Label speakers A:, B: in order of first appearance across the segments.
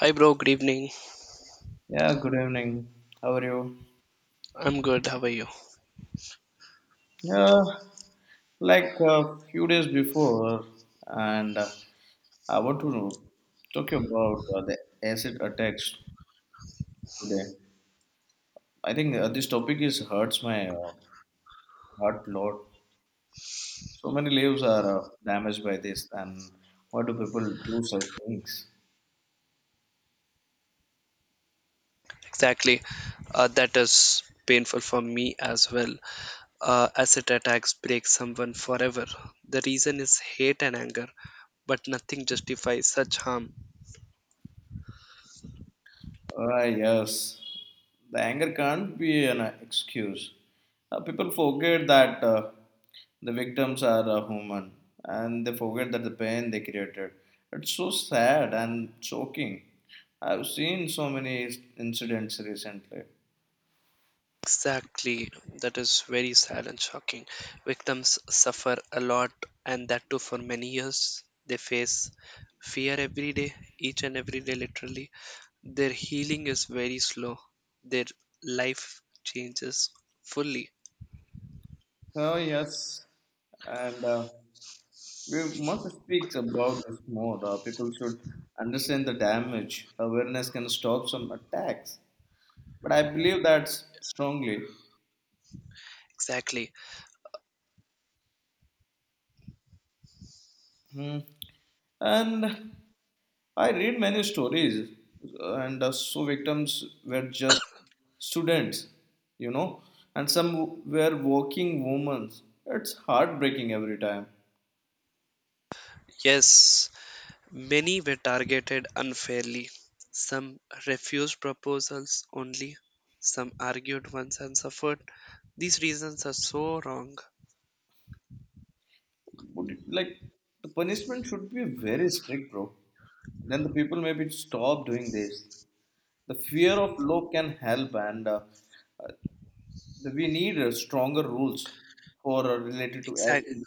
A: Hi, bro. Good evening.
B: Yeah, good evening. How are you?
A: I'm good. How are you?
B: Yeah, like a few days before, and I want to know, talk about the acid attacks today. I think this topic is hurts my heart a lot. So many lives are damaged by this, and why do people do such things?
A: Exactly. That is painful for me as well. Acid attacks break someone forever. The reason is hate and anger, but nothing justifies such harm.
B: Ah, yes. The anger can't be an excuse. People forget that the victims are human and they forget that the pain they created. It's so sad and shocking. I've seen so many incidents recently.
A: Exactly. That is very sad and shocking. Victims suffer a lot, and that too for many years. They face fear every day, each and every day, literally. Their healing is very slow. Their life changes fully.
B: Oh, yes. And we must speak about this more. People should understand the damage. Awareness can stop some attacks. But I believe that strongly.
A: Exactly.
B: Hmm. And I read many stories, and so victims were just students, you know, and some were working women. It's heartbreaking every time.
A: Yes, many were targeted unfairly. Some refused proposals only, some argued once and suffered. These reasons are so wrong.
B: Would it, like the punishment should be very strict, bro. Then the people maybe stop doing this. The fear of law can help, and uh, we need stronger rules for related to
A: Exactly,
B: everything.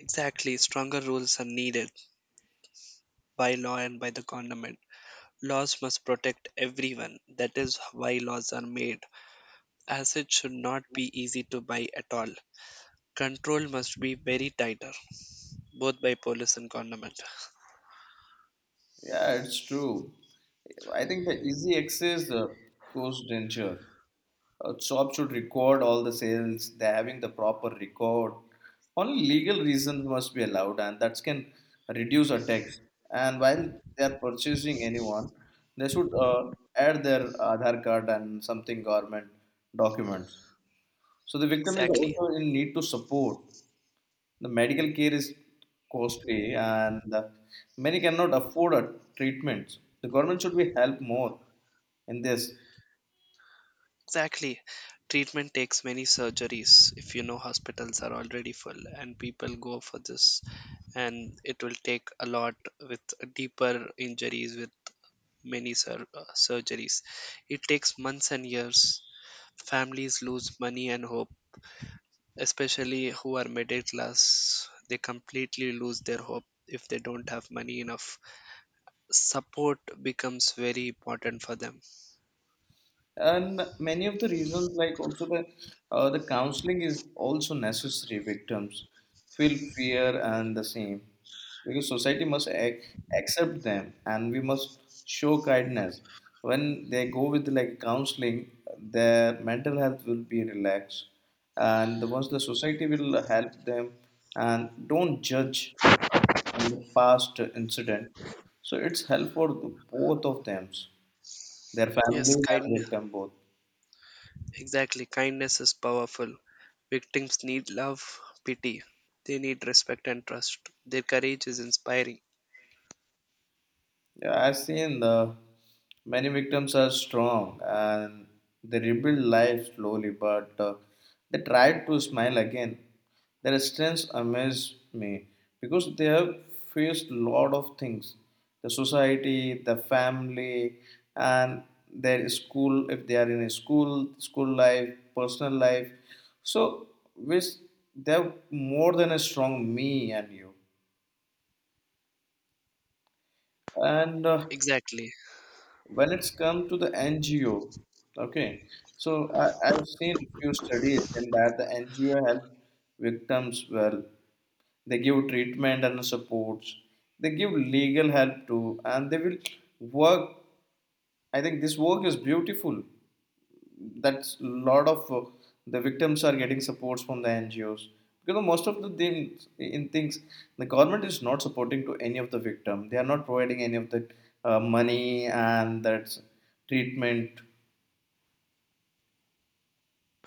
A: exactly. Stronger rules are needed by law and by the government. Laws must protect everyone. That is why laws are made, as it should not be easy to buy at all. Control must be very tighter, both by police and government.
B: Yeah, it's true. I think the easy access cost danger. A shop should record all the sales. They're having the proper record. Only legal reasons must be allowed, and that can reduce a tax. And while they are purchasing anyone, they should add their Aadhaar card and something government documents. So the victim is
A: Exactly.
B: also in need to support. The medical care is costly and many cannot afford a treatment. The government should be help more in this.
A: Exactly. Treatment takes many surgeries. If you know, hospitals are already full and people go for this, and it will take a lot with deeper injuries, with many surgeries. It takes months and years. Families lose money and hope, especially who are middle class. They completely lose their hope if they don't have money enough. Support becomes very important for them.
B: And many of the reasons, like also the counseling is also necessary. Victims feel fear and the same because society must accept them, and we must show kindness. When they go with like counseling, their mental health will be relaxed, and the once the society will help them and don't judge on the past incident. So it's help for both of them, their
A: Yes,
B: family and
A: kindness.
B: victim both.
A: Exactly, kindness is powerful. Victims need love, pity. They need respect and trust. Their courage is inspiring.
B: Yeah, I've seen the many victims are strong and they rebuild life slowly, but they try to smile again. Their strengths amaze me because they have faced lot of things: the society, the family, and their school. If they are in a school, school life, personal life, so which they have more than a strong me and you. And
A: Exactly.
B: when it's come to the NGO, okay, so I've seen few studies in that the NGO help victims well. They give treatment and supports. They give legal help too, and they will work. I think this work is beautiful that's a lot of the victims are getting supports from the NGOs because most of the things the government is not supporting to any of the victim they are not providing any of the money and that treatment.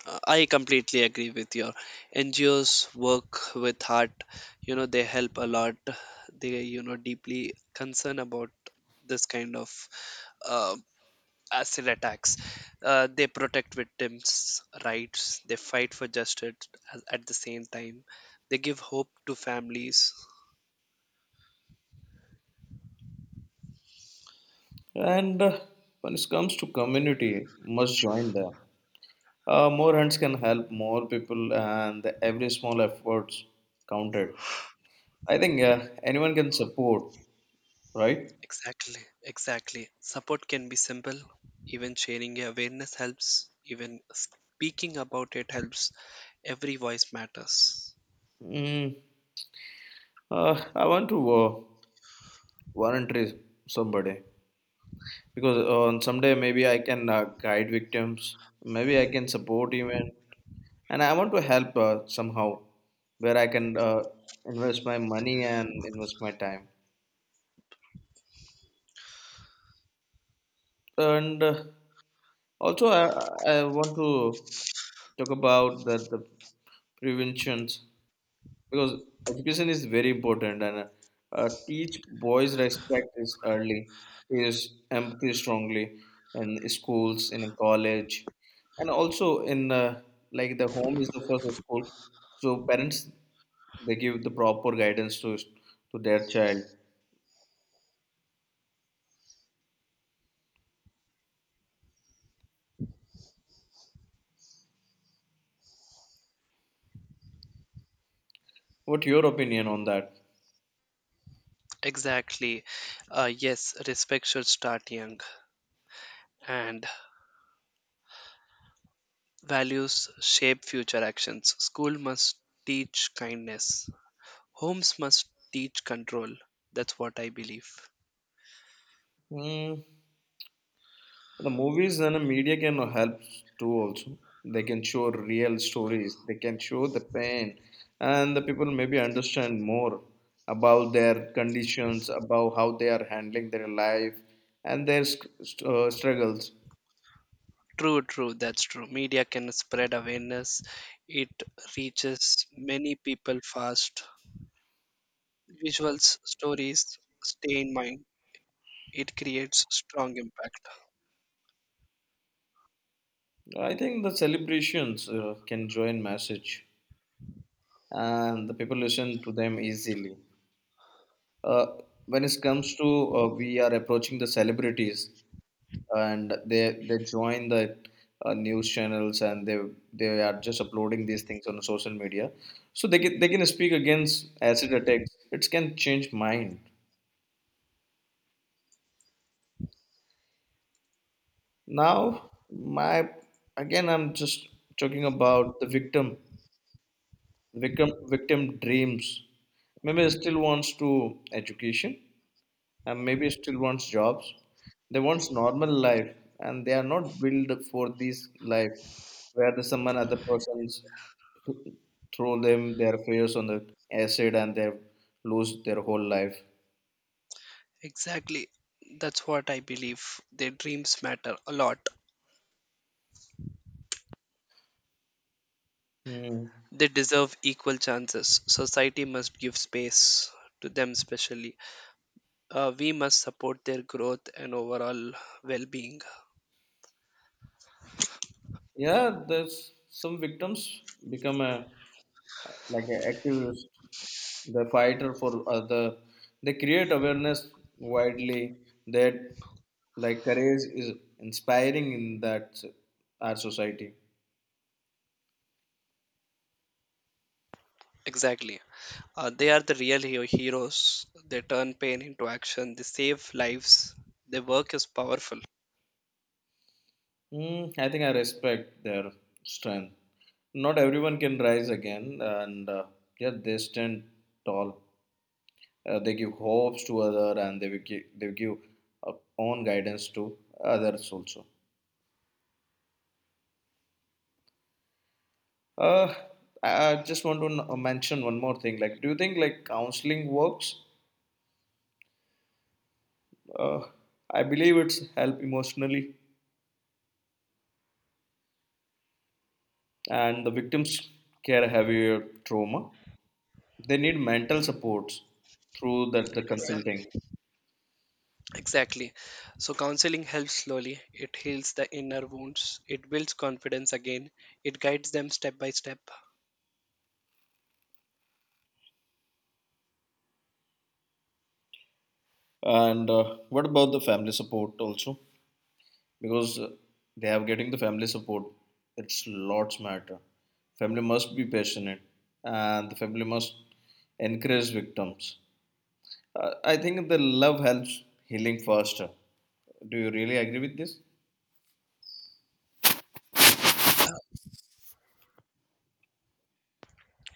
A: I completely agree with your NGOs work with heart. They help a lot. They, deeply concerned about this kind of uh, acid attacks. They protect victims' rights. They fight for justice at the same time. They give hope to families.
B: And when it comes to community must join them, more hands can help more people and every small efforts counted. I think anyone can support, right?
A: Exactly, exactly. Support can be simple. Even sharing awareness helps. Even speaking about it helps. Every voice matters.
B: mm, I want to voluntary somebody, because on someday maybe I can guide victims, maybe I can support even, and I want to help somehow where I can invest my money and invest my time. And also, I want to talk about the preventions because education is very important and teach boys respect is early, teach empathy strongly in schools, in college, and also in like the home is the first school. So parents, they give the proper guidance to their child. What your opinion on that?
A: Exactly. Yes, respect should start young. And values shape future actions. School must teach kindness. Homes must teach control. That's what I believe.
B: Hmm. The movies and the media can help too also. They can show real stories. They can show the pain, and the people maybe understand more about their conditions, about how they are handling their life and their struggles.
A: True, true. That's true. Media can spread awareness. It reaches many people fast, visuals, stories stay in mind, it creates strong impact.
B: I think the celebrations can join message, and the people listen to them easily. Uh, when it comes to we are approaching the celebrities, and they join the news channels, and they are just uploading these things on social media, so they can speak against acid attacks. It can change mind. Now my, again, I'm just talking about the victim, victim dreams. Maybe still wants to education, and maybe still wants jobs. They wants normal life, and they are not built for this life where the someone other persons throw them their fears on the acid and they lose their whole life.
A: Exactly, that's what I believe. Their dreams matter a lot,
B: Hmm.
A: they deserve equal chances. Society must give space to them, especially we must support their growth and overall well-being.
B: Yeah, there's some victims become a like an activist, the fighter for other. They create awareness widely that like courage is inspiring in our society.
A: Exactly, they are the real heroes. They turn pain into action, they save lives, their work is powerful.
B: Mm, I think I respect their strength. Not everyone can rise again, and yeah, they stand tall. They give hopes to other, and they will give uh, own guidance to others also. Uh, I I just want to mention one more thing. Like, do you think like counseling works? Uh, I believe it's help emotionally, and the victims carry heavier trauma. They need mental supports through that the
A: Exactly.
B: consulting.
A: Exactly. So counseling helps slowly. It heals the inner wounds. It builds confidence again. It guides them step by step.
B: And what about the family support also? Because they are getting the family support. It's lots matter. Family must be passionate, and the family must encourage victims. I think the love helps healing faster. Do you really agree with this?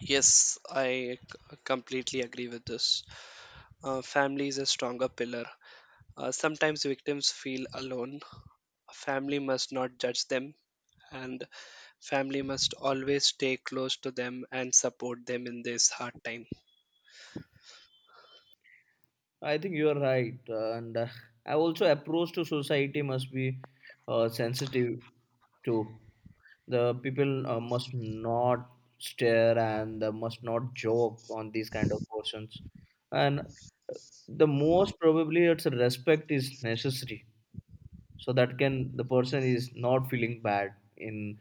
A: Yes, I completely agree with this. Family is a stronger pillar. Sometimes victims feel alone. Family must not judge them, and family must always stay close to them and support them in this hard time.
B: I think you are right, and I also approach to society must be sensitive to the people, must not stare and must not joke on these kind of persons, and the most probably it's a respect is necessary so that can the person is not feeling bad in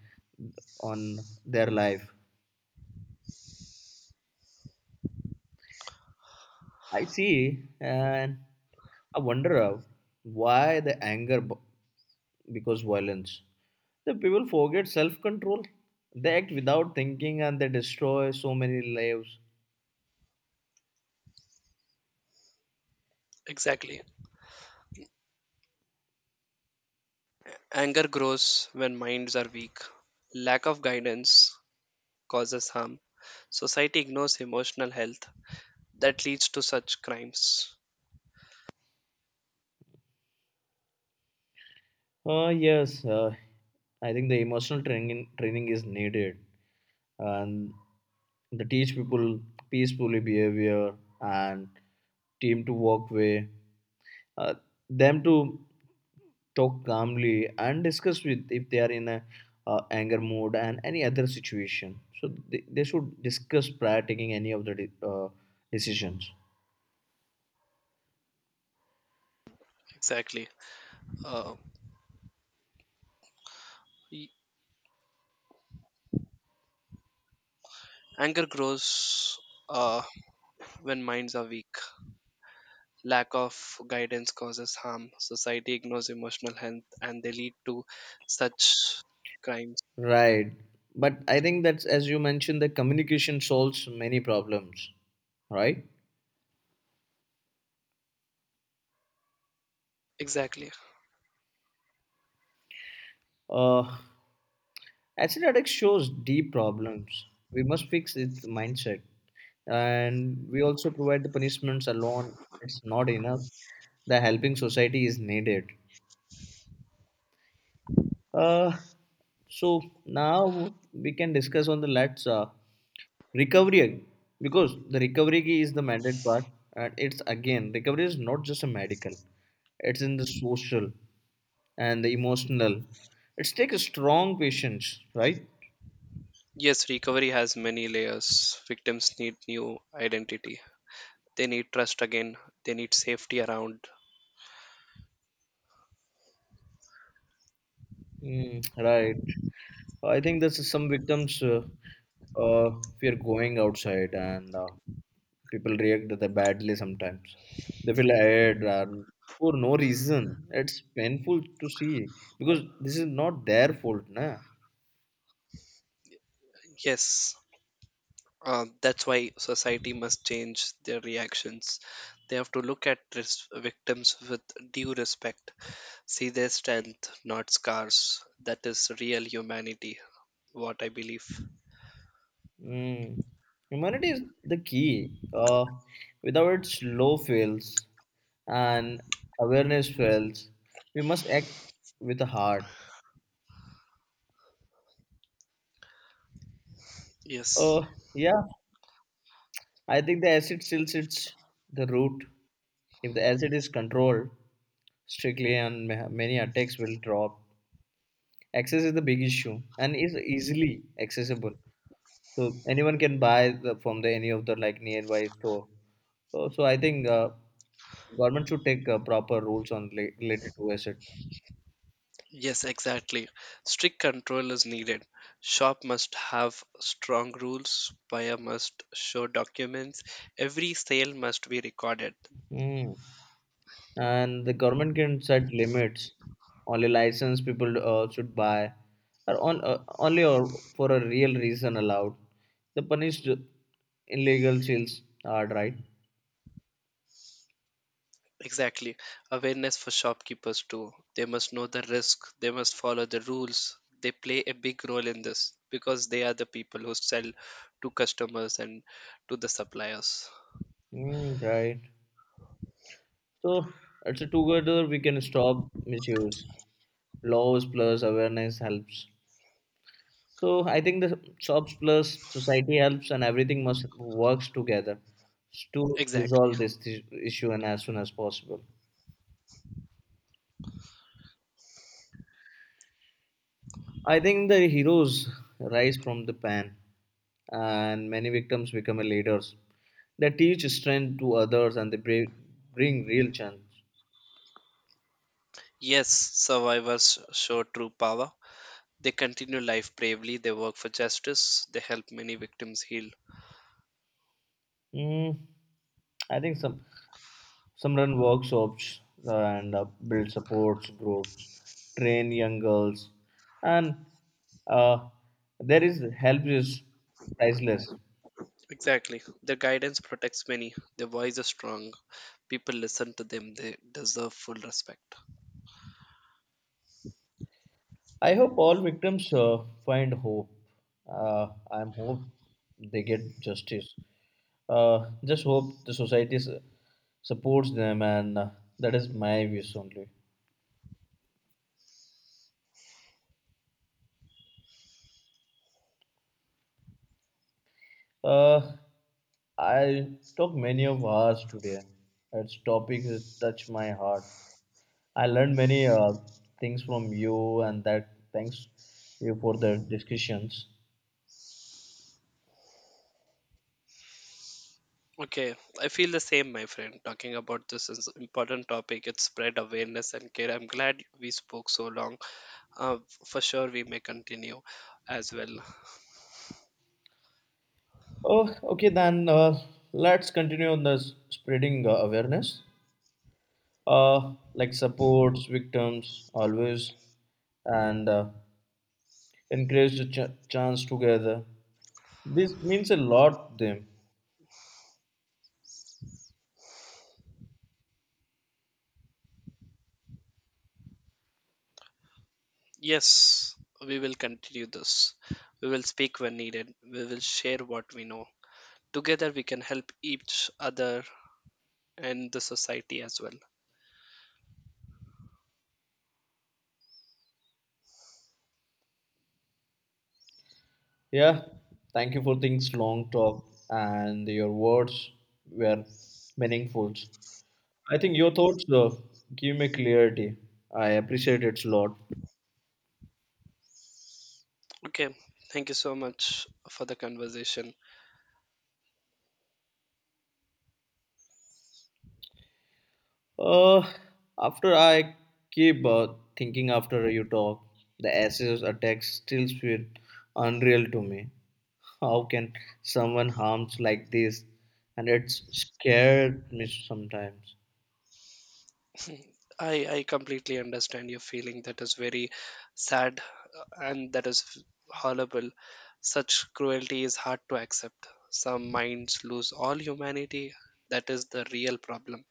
B: on their life. I see, and I wonder why the anger, because violence. The people forget self control. They act without thinking and they destroy so many lives.
A: Exactly. Anger grows when minds are weak. Lack of guidance causes harm. Society ignores emotional health that leads to such crimes.
B: Yes, I think the emotional training is needed, and the teach people peacefully behavior and team to walk way, uh, them to talk calmly and discuss with if they are in a anger mode and any other situation. So, they should discuss prior taking any of decisions.
A: Exactly. Uh, y- Anger grows uh, when minds are weak. Lack of guidance causes harm. Society ignores emotional health and they lead to such crimes.
B: Right. But I think that's, as you mentioned, the communication solves many problems, right?
A: Exactly.
B: Uh, Acid addict shows deep problems. We must fix it mindset. And we also provide the punishments alone. It's not enough. The helping society is needed. Uh, so now we can discuss on the let's recovery, because the recovery key is the mandate part, and it's again recovery is not just a medical; it's in the social and the emotional. It's take a strong patience, right?
A: Yes, recovery has many layers. Victims need new identity. They need trust again. They need safety around.
B: Mm, right. I think that's some victims uh, fear going outside, and people react that badly sometimes. They feel tired and for no reason. It's painful to see because this is not their fault, na.
A: Yes. That's why society must change their reactions. They have to look at victims with due respect, see their strength, not scars. That is real humanity, what I believe.
B: Mm. Humanity is the key. Without its low fails and awareness fails, we must act with a heart.
A: Yes,
B: Uh, yeah, I think the acid still sits the root. If the acid is controlled strictly, and many attacks will drop. Access is the big issue and is easily accessible. So anyone can buy from the any of the like nearby store. So I think government should take proper rules on related to asset.
A: yes, exactly. Strict control is needed. Shop must have strong rules, buyer must show documents, every sale must be recorded.
B: Mm. And the government can set limits. Only licensed people should buy, or only or for a real reason allowed. The punished illegal sales are right.
A: Exactly. Awareness for shopkeepers too. They must know the risk, they must follow the rules. They play a big role in this because they are the people who sell to customers and to the suppliers.
B: Mm, right. So it's a together we can stop misuse. Laws plus awareness helps. So I think the shops plus society helps and everything must works together to
A: Exactly.
B: resolve this issue and as soon as possible. I think the heroes rise from the pan and many victims become leaders. They teach strength to others and they bring real change.
A: Yes, survivors show true power. They continue life bravely, they work for justice, they help many victims heal.
B: Mm, I think some run workshops, and build supports groups, train young girls, and uh, there is help is priceless.
A: Exactly. Their guidance protects many, their voice is strong. People listen to them, they deserve full respect.
B: I hope all victims find hope. I am hope they get justice. Just hope the society supports them, and that is my wish only. Uh, I talk many of hours today. Its topics touch my heart. I learned many things from you, and that thanks you for the discussions.
A: Okay, I feel the same, my friend. Talking about this is important topic. It spread awareness and care. I'm glad we spoke so long. Uh, for sure, we may continue as well.
B: Oh, okay then. Let's continue on the spreading awareness. Like supports victims always, and encourage the chance together. This means a lot to them.
A: Yes, we will continue this. We will speak when needed. We will share what we know. Together, we can help each other and the society as well.
B: Yeah, thank you for things long talk and your words were meaningful. I think your thoughts give me clarity. I appreciate it a lot.
A: Okay, thank you so much for the conversation.
B: Uh, After I keep thinking after you talk, the acid attacks still feel unreal to me. How can someone harms like this? And it's scared me sometimes.
A: Mm, I completely understand your feeling. That is very sad and that is horrible. Such cruelty is hard to accept. Some minds lose all humanity. That is the real problem.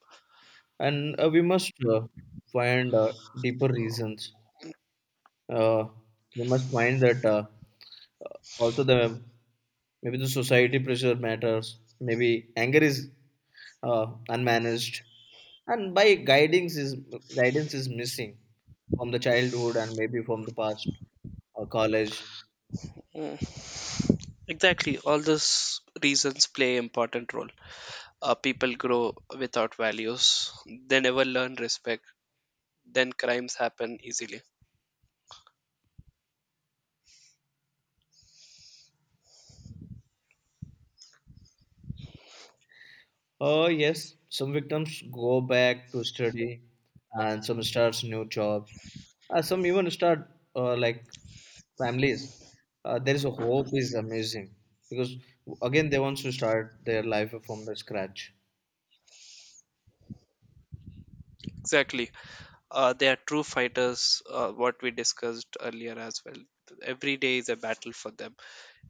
B: And we must find deeper reasons. Uh, they must find that also the, maybe the society pressure matters. Maybe anger is unmanaged, and by guidance is missing from the childhood and maybe from the past college.
A: Mm. Exactly. All those reasons play important role. People grow without values. They never learn respect. Then crimes happen easily.
B: Yes, some victims go back to study, and some starts new jobs. Some even start like families. There is a hope is amazing because again they want to start their life from the scratch.
A: Exactly. They are true fighters, what we discussed earlier as well. Every day is a battle for them,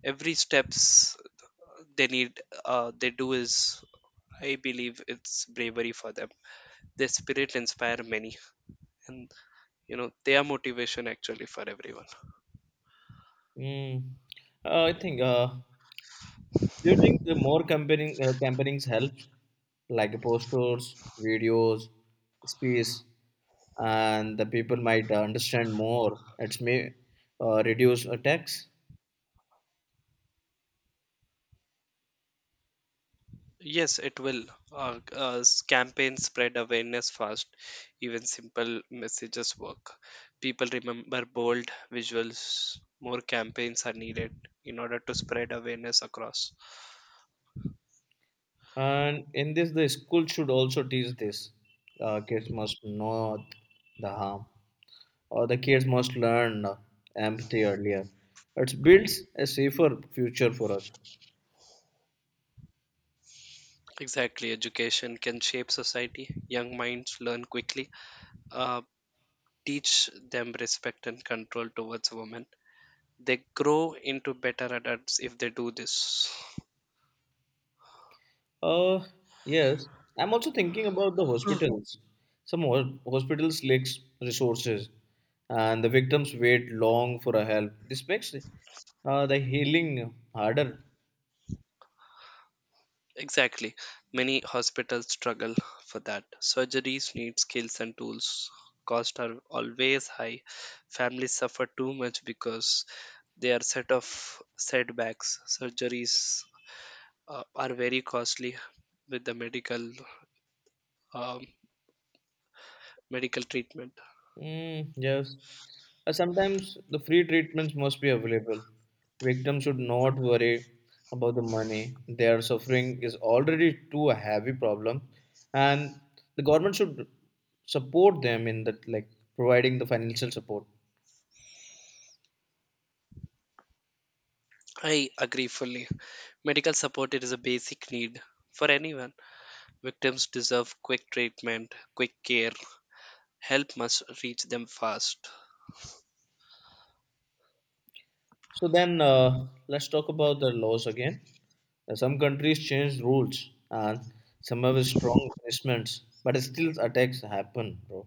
A: every steps they need, they do, is, I believe, it's bravery for them. Their spirit inspire many, and you know they are motivation actually for everyone.
B: Mm. I think. Do you think the more campaignings helps, like posters, videos, speech, and the people might understand more? It's may reduce attacks.
A: Yes, it will. uh, Campaigns spread awareness fast. Even simple messages work, people remember bold visuals. More campaigns are needed in order to spread awareness across.
B: And in this, the school should also teach this. Kids must know the harm, or the kids must learn empathy earlier. It builds a safer future for us.
A: Exactly, education can shape society. Young minds learn quickly, uh, teach them respect and control towards women. They grow into better adults if they do this.
B: Uh, yes, I'm also thinking about the hospitals. Some hospitals lacks resources, and the victims wait long for a help. This makes the healing harder.
A: Exactly, many hospitals struggle for that. Surgeries need skills and tools. Costs are always high. Families suffer too much because they are set of setbacks. Surgeries are very costly with the medical um, medical treatment.
B: Mm, yes. Sometimes the free treatments must be available. Victims should not worry about the money. Their suffering is already too a heavy problem, and the government should support them in that, like providing the financial support.
A: I agree fully. Medical support, it is a basic need for anyone. Victims deserve quick treatment, quick care. Help must reach them fast.
B: So then, let's talk about the laws again. Some countries change rules, and some have strong punishments, but still attacks happen, bro.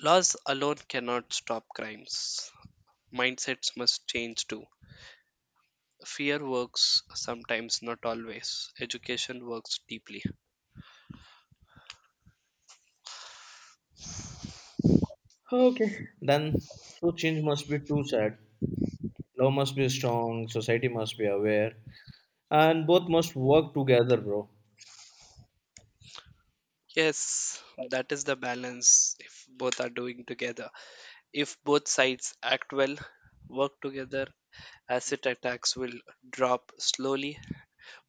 A: Laws alone cannot stop crimes. Mindsets must change too. Fear works sometimes, not always. Education works deeply.
B: Okay. Then, so change must be too sad. Love must be strong, society must be aware, and both must work together, bro.
A: Yes, that is the balance if both are doing together. If both sides act well, work together, acid attacks will drop slowly.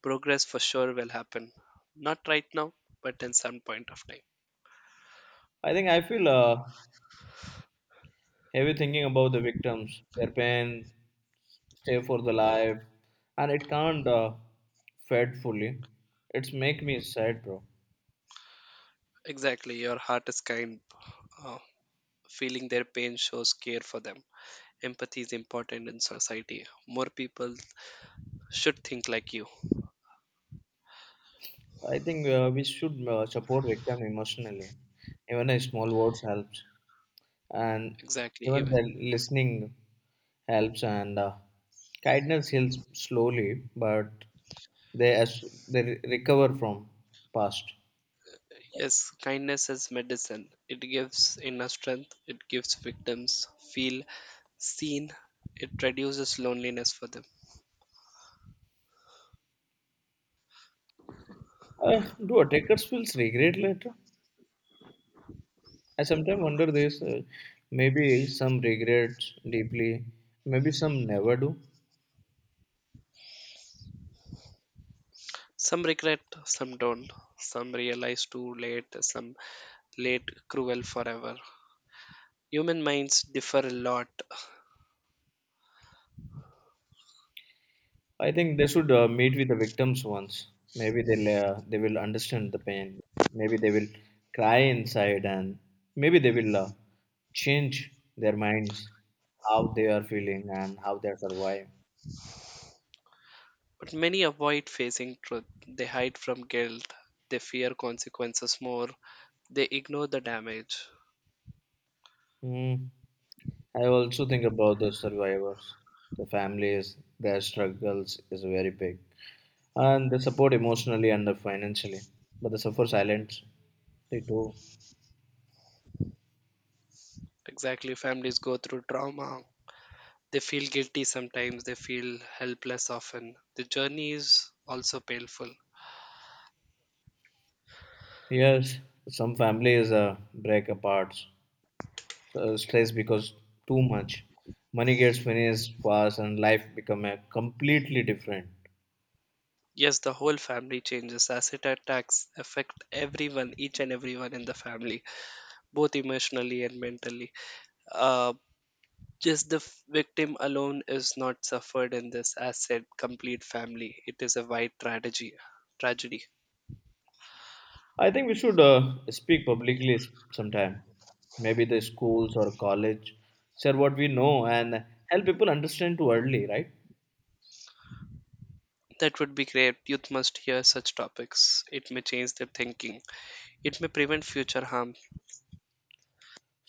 A: Progress for sure will happen. Not right now, but in some point of time.
B: I think I feel heavy thinking about the victims, their pain, stay for the life, and it can't fed fully. It's make me sad, bro.
A: Exactly, your heart is kind. Uh, Feeling their pain shows care for them. Empathy is important in society. More people should think like you.
B: I think we should support victim emotionally. Even a small words helps. And
A: Exactly,
B: even the
A: even.
B: listening helps and kindness heals slowly but they as they recover from past.
A: Yes, kindness is medicine. It gives inner strength, it gives victims feel seen, it reduces loneliness for them.
B: Do attackers feel regret later? I sometimes wonder this. Maybe some regrets deeply, maybe some never do.
A: Some regret, some don't. Some realize too late, some late cruel forever. Human minds differ a lot,
B: I think they should meet with the victims once. Maybe they will understand the pain. Maybe they will cry inside, and maybe they will change their minds, how they are feeling and how they survive.
A: but many avoid facing truth. They hide from guilt, they fear consequences more, they ignore the damage.
B: Mm. I also think about the survivors, the families. Their struggles is very big, and they support emotionally and financially, but they suffer silence. They do.
A: Exactly, families go through trauma. They feel guilty sometimes, they feel helpless often. The journey is also painful.
B: Yes, some families break apart, stress because too much money gets finished fast and life become a completely different.
A: Yes, the whole family changes. Acid attacks affect everyone, each and everyone in the family, both emotionally and mentally. Uh, Just the victim alone is not suffered in this, as said, complete family. It is a wide tragedy. Tragedy.
B: I think we should speak publicly sometime, maybe the schools or college, share what we know and help people understand too early, right?
A: That would be great. Youth must hear such topics. It may change their thinking. It may prevent future harm.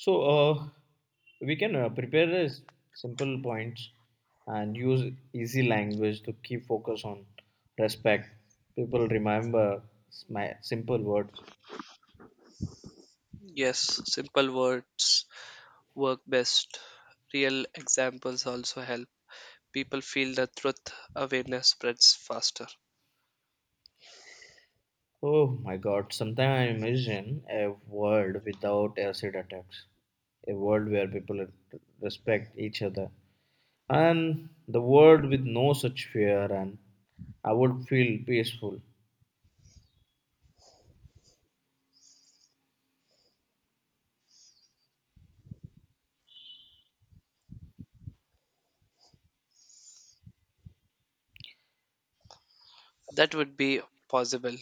B: So we can prepare a simple points and use easy language to keep focus on respect. People remember my simple words.
A: Yes, simple words work best. Real examples also help. People feel the truth, awareness spreads faster.
B: Oh my god, sometimes I imagine a world without acid attacks, a world where people respect each other, and the world with no such fear, and I would feel peaceful.
A: That would be possible.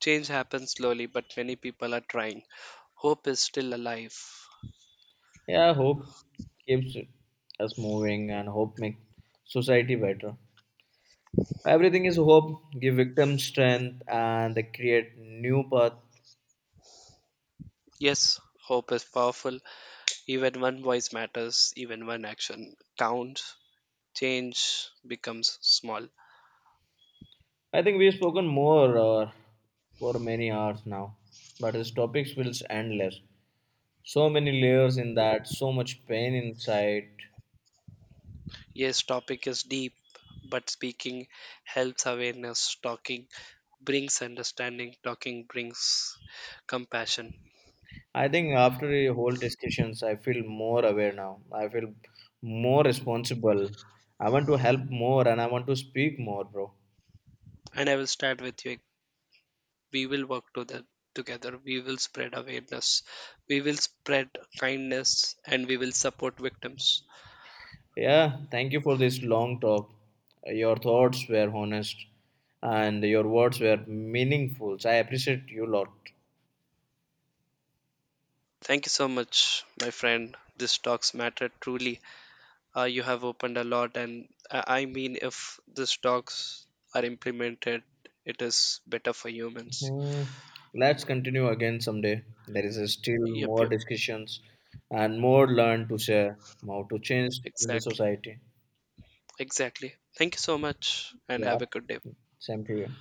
A: Change happens slowly, but many people are trying. Hope is still alive.
B: Yeah, hope keeps us moving, and hope makes society better. Everything is hope, give victims strength, and they create new path.
A: Yes, hope is powerful. Even one voice matters, even one action counts. Change becomes small.
B: I think we've spoken more for many hours now, but these topics will endless. So many layers in that, so much pain inside.
A: Yes, topic is deep, but speaking helps awareness. Talking brings understanding. Talking brings compassion.
B: I think after the whole discussions, I feel more aware now. I feel more responsible. I want to help more and I want to speak more, bro.
A: And I will start with you. We will work to that together. We will spread awareness. We will spread kindness and we will support victims.
B: Yeah, thank you for this long talk. Your thoughts were honest and your words were meaningful. So I appreciate you lot.
A: Thank you so much, my friend. This talks matter truly. You have opened a lot, and I mean, if these talks are implemented, it is better for humans.
B: Hmm. Let's continue again someday. There is still
A: yep
B: more discussions and more learn to share, how to change
A: yep
B: in the
A: Exactly,
B: society.
A: exactly. Thank you so much, and
B: Yeah,
A: have a good day.
B: same to you.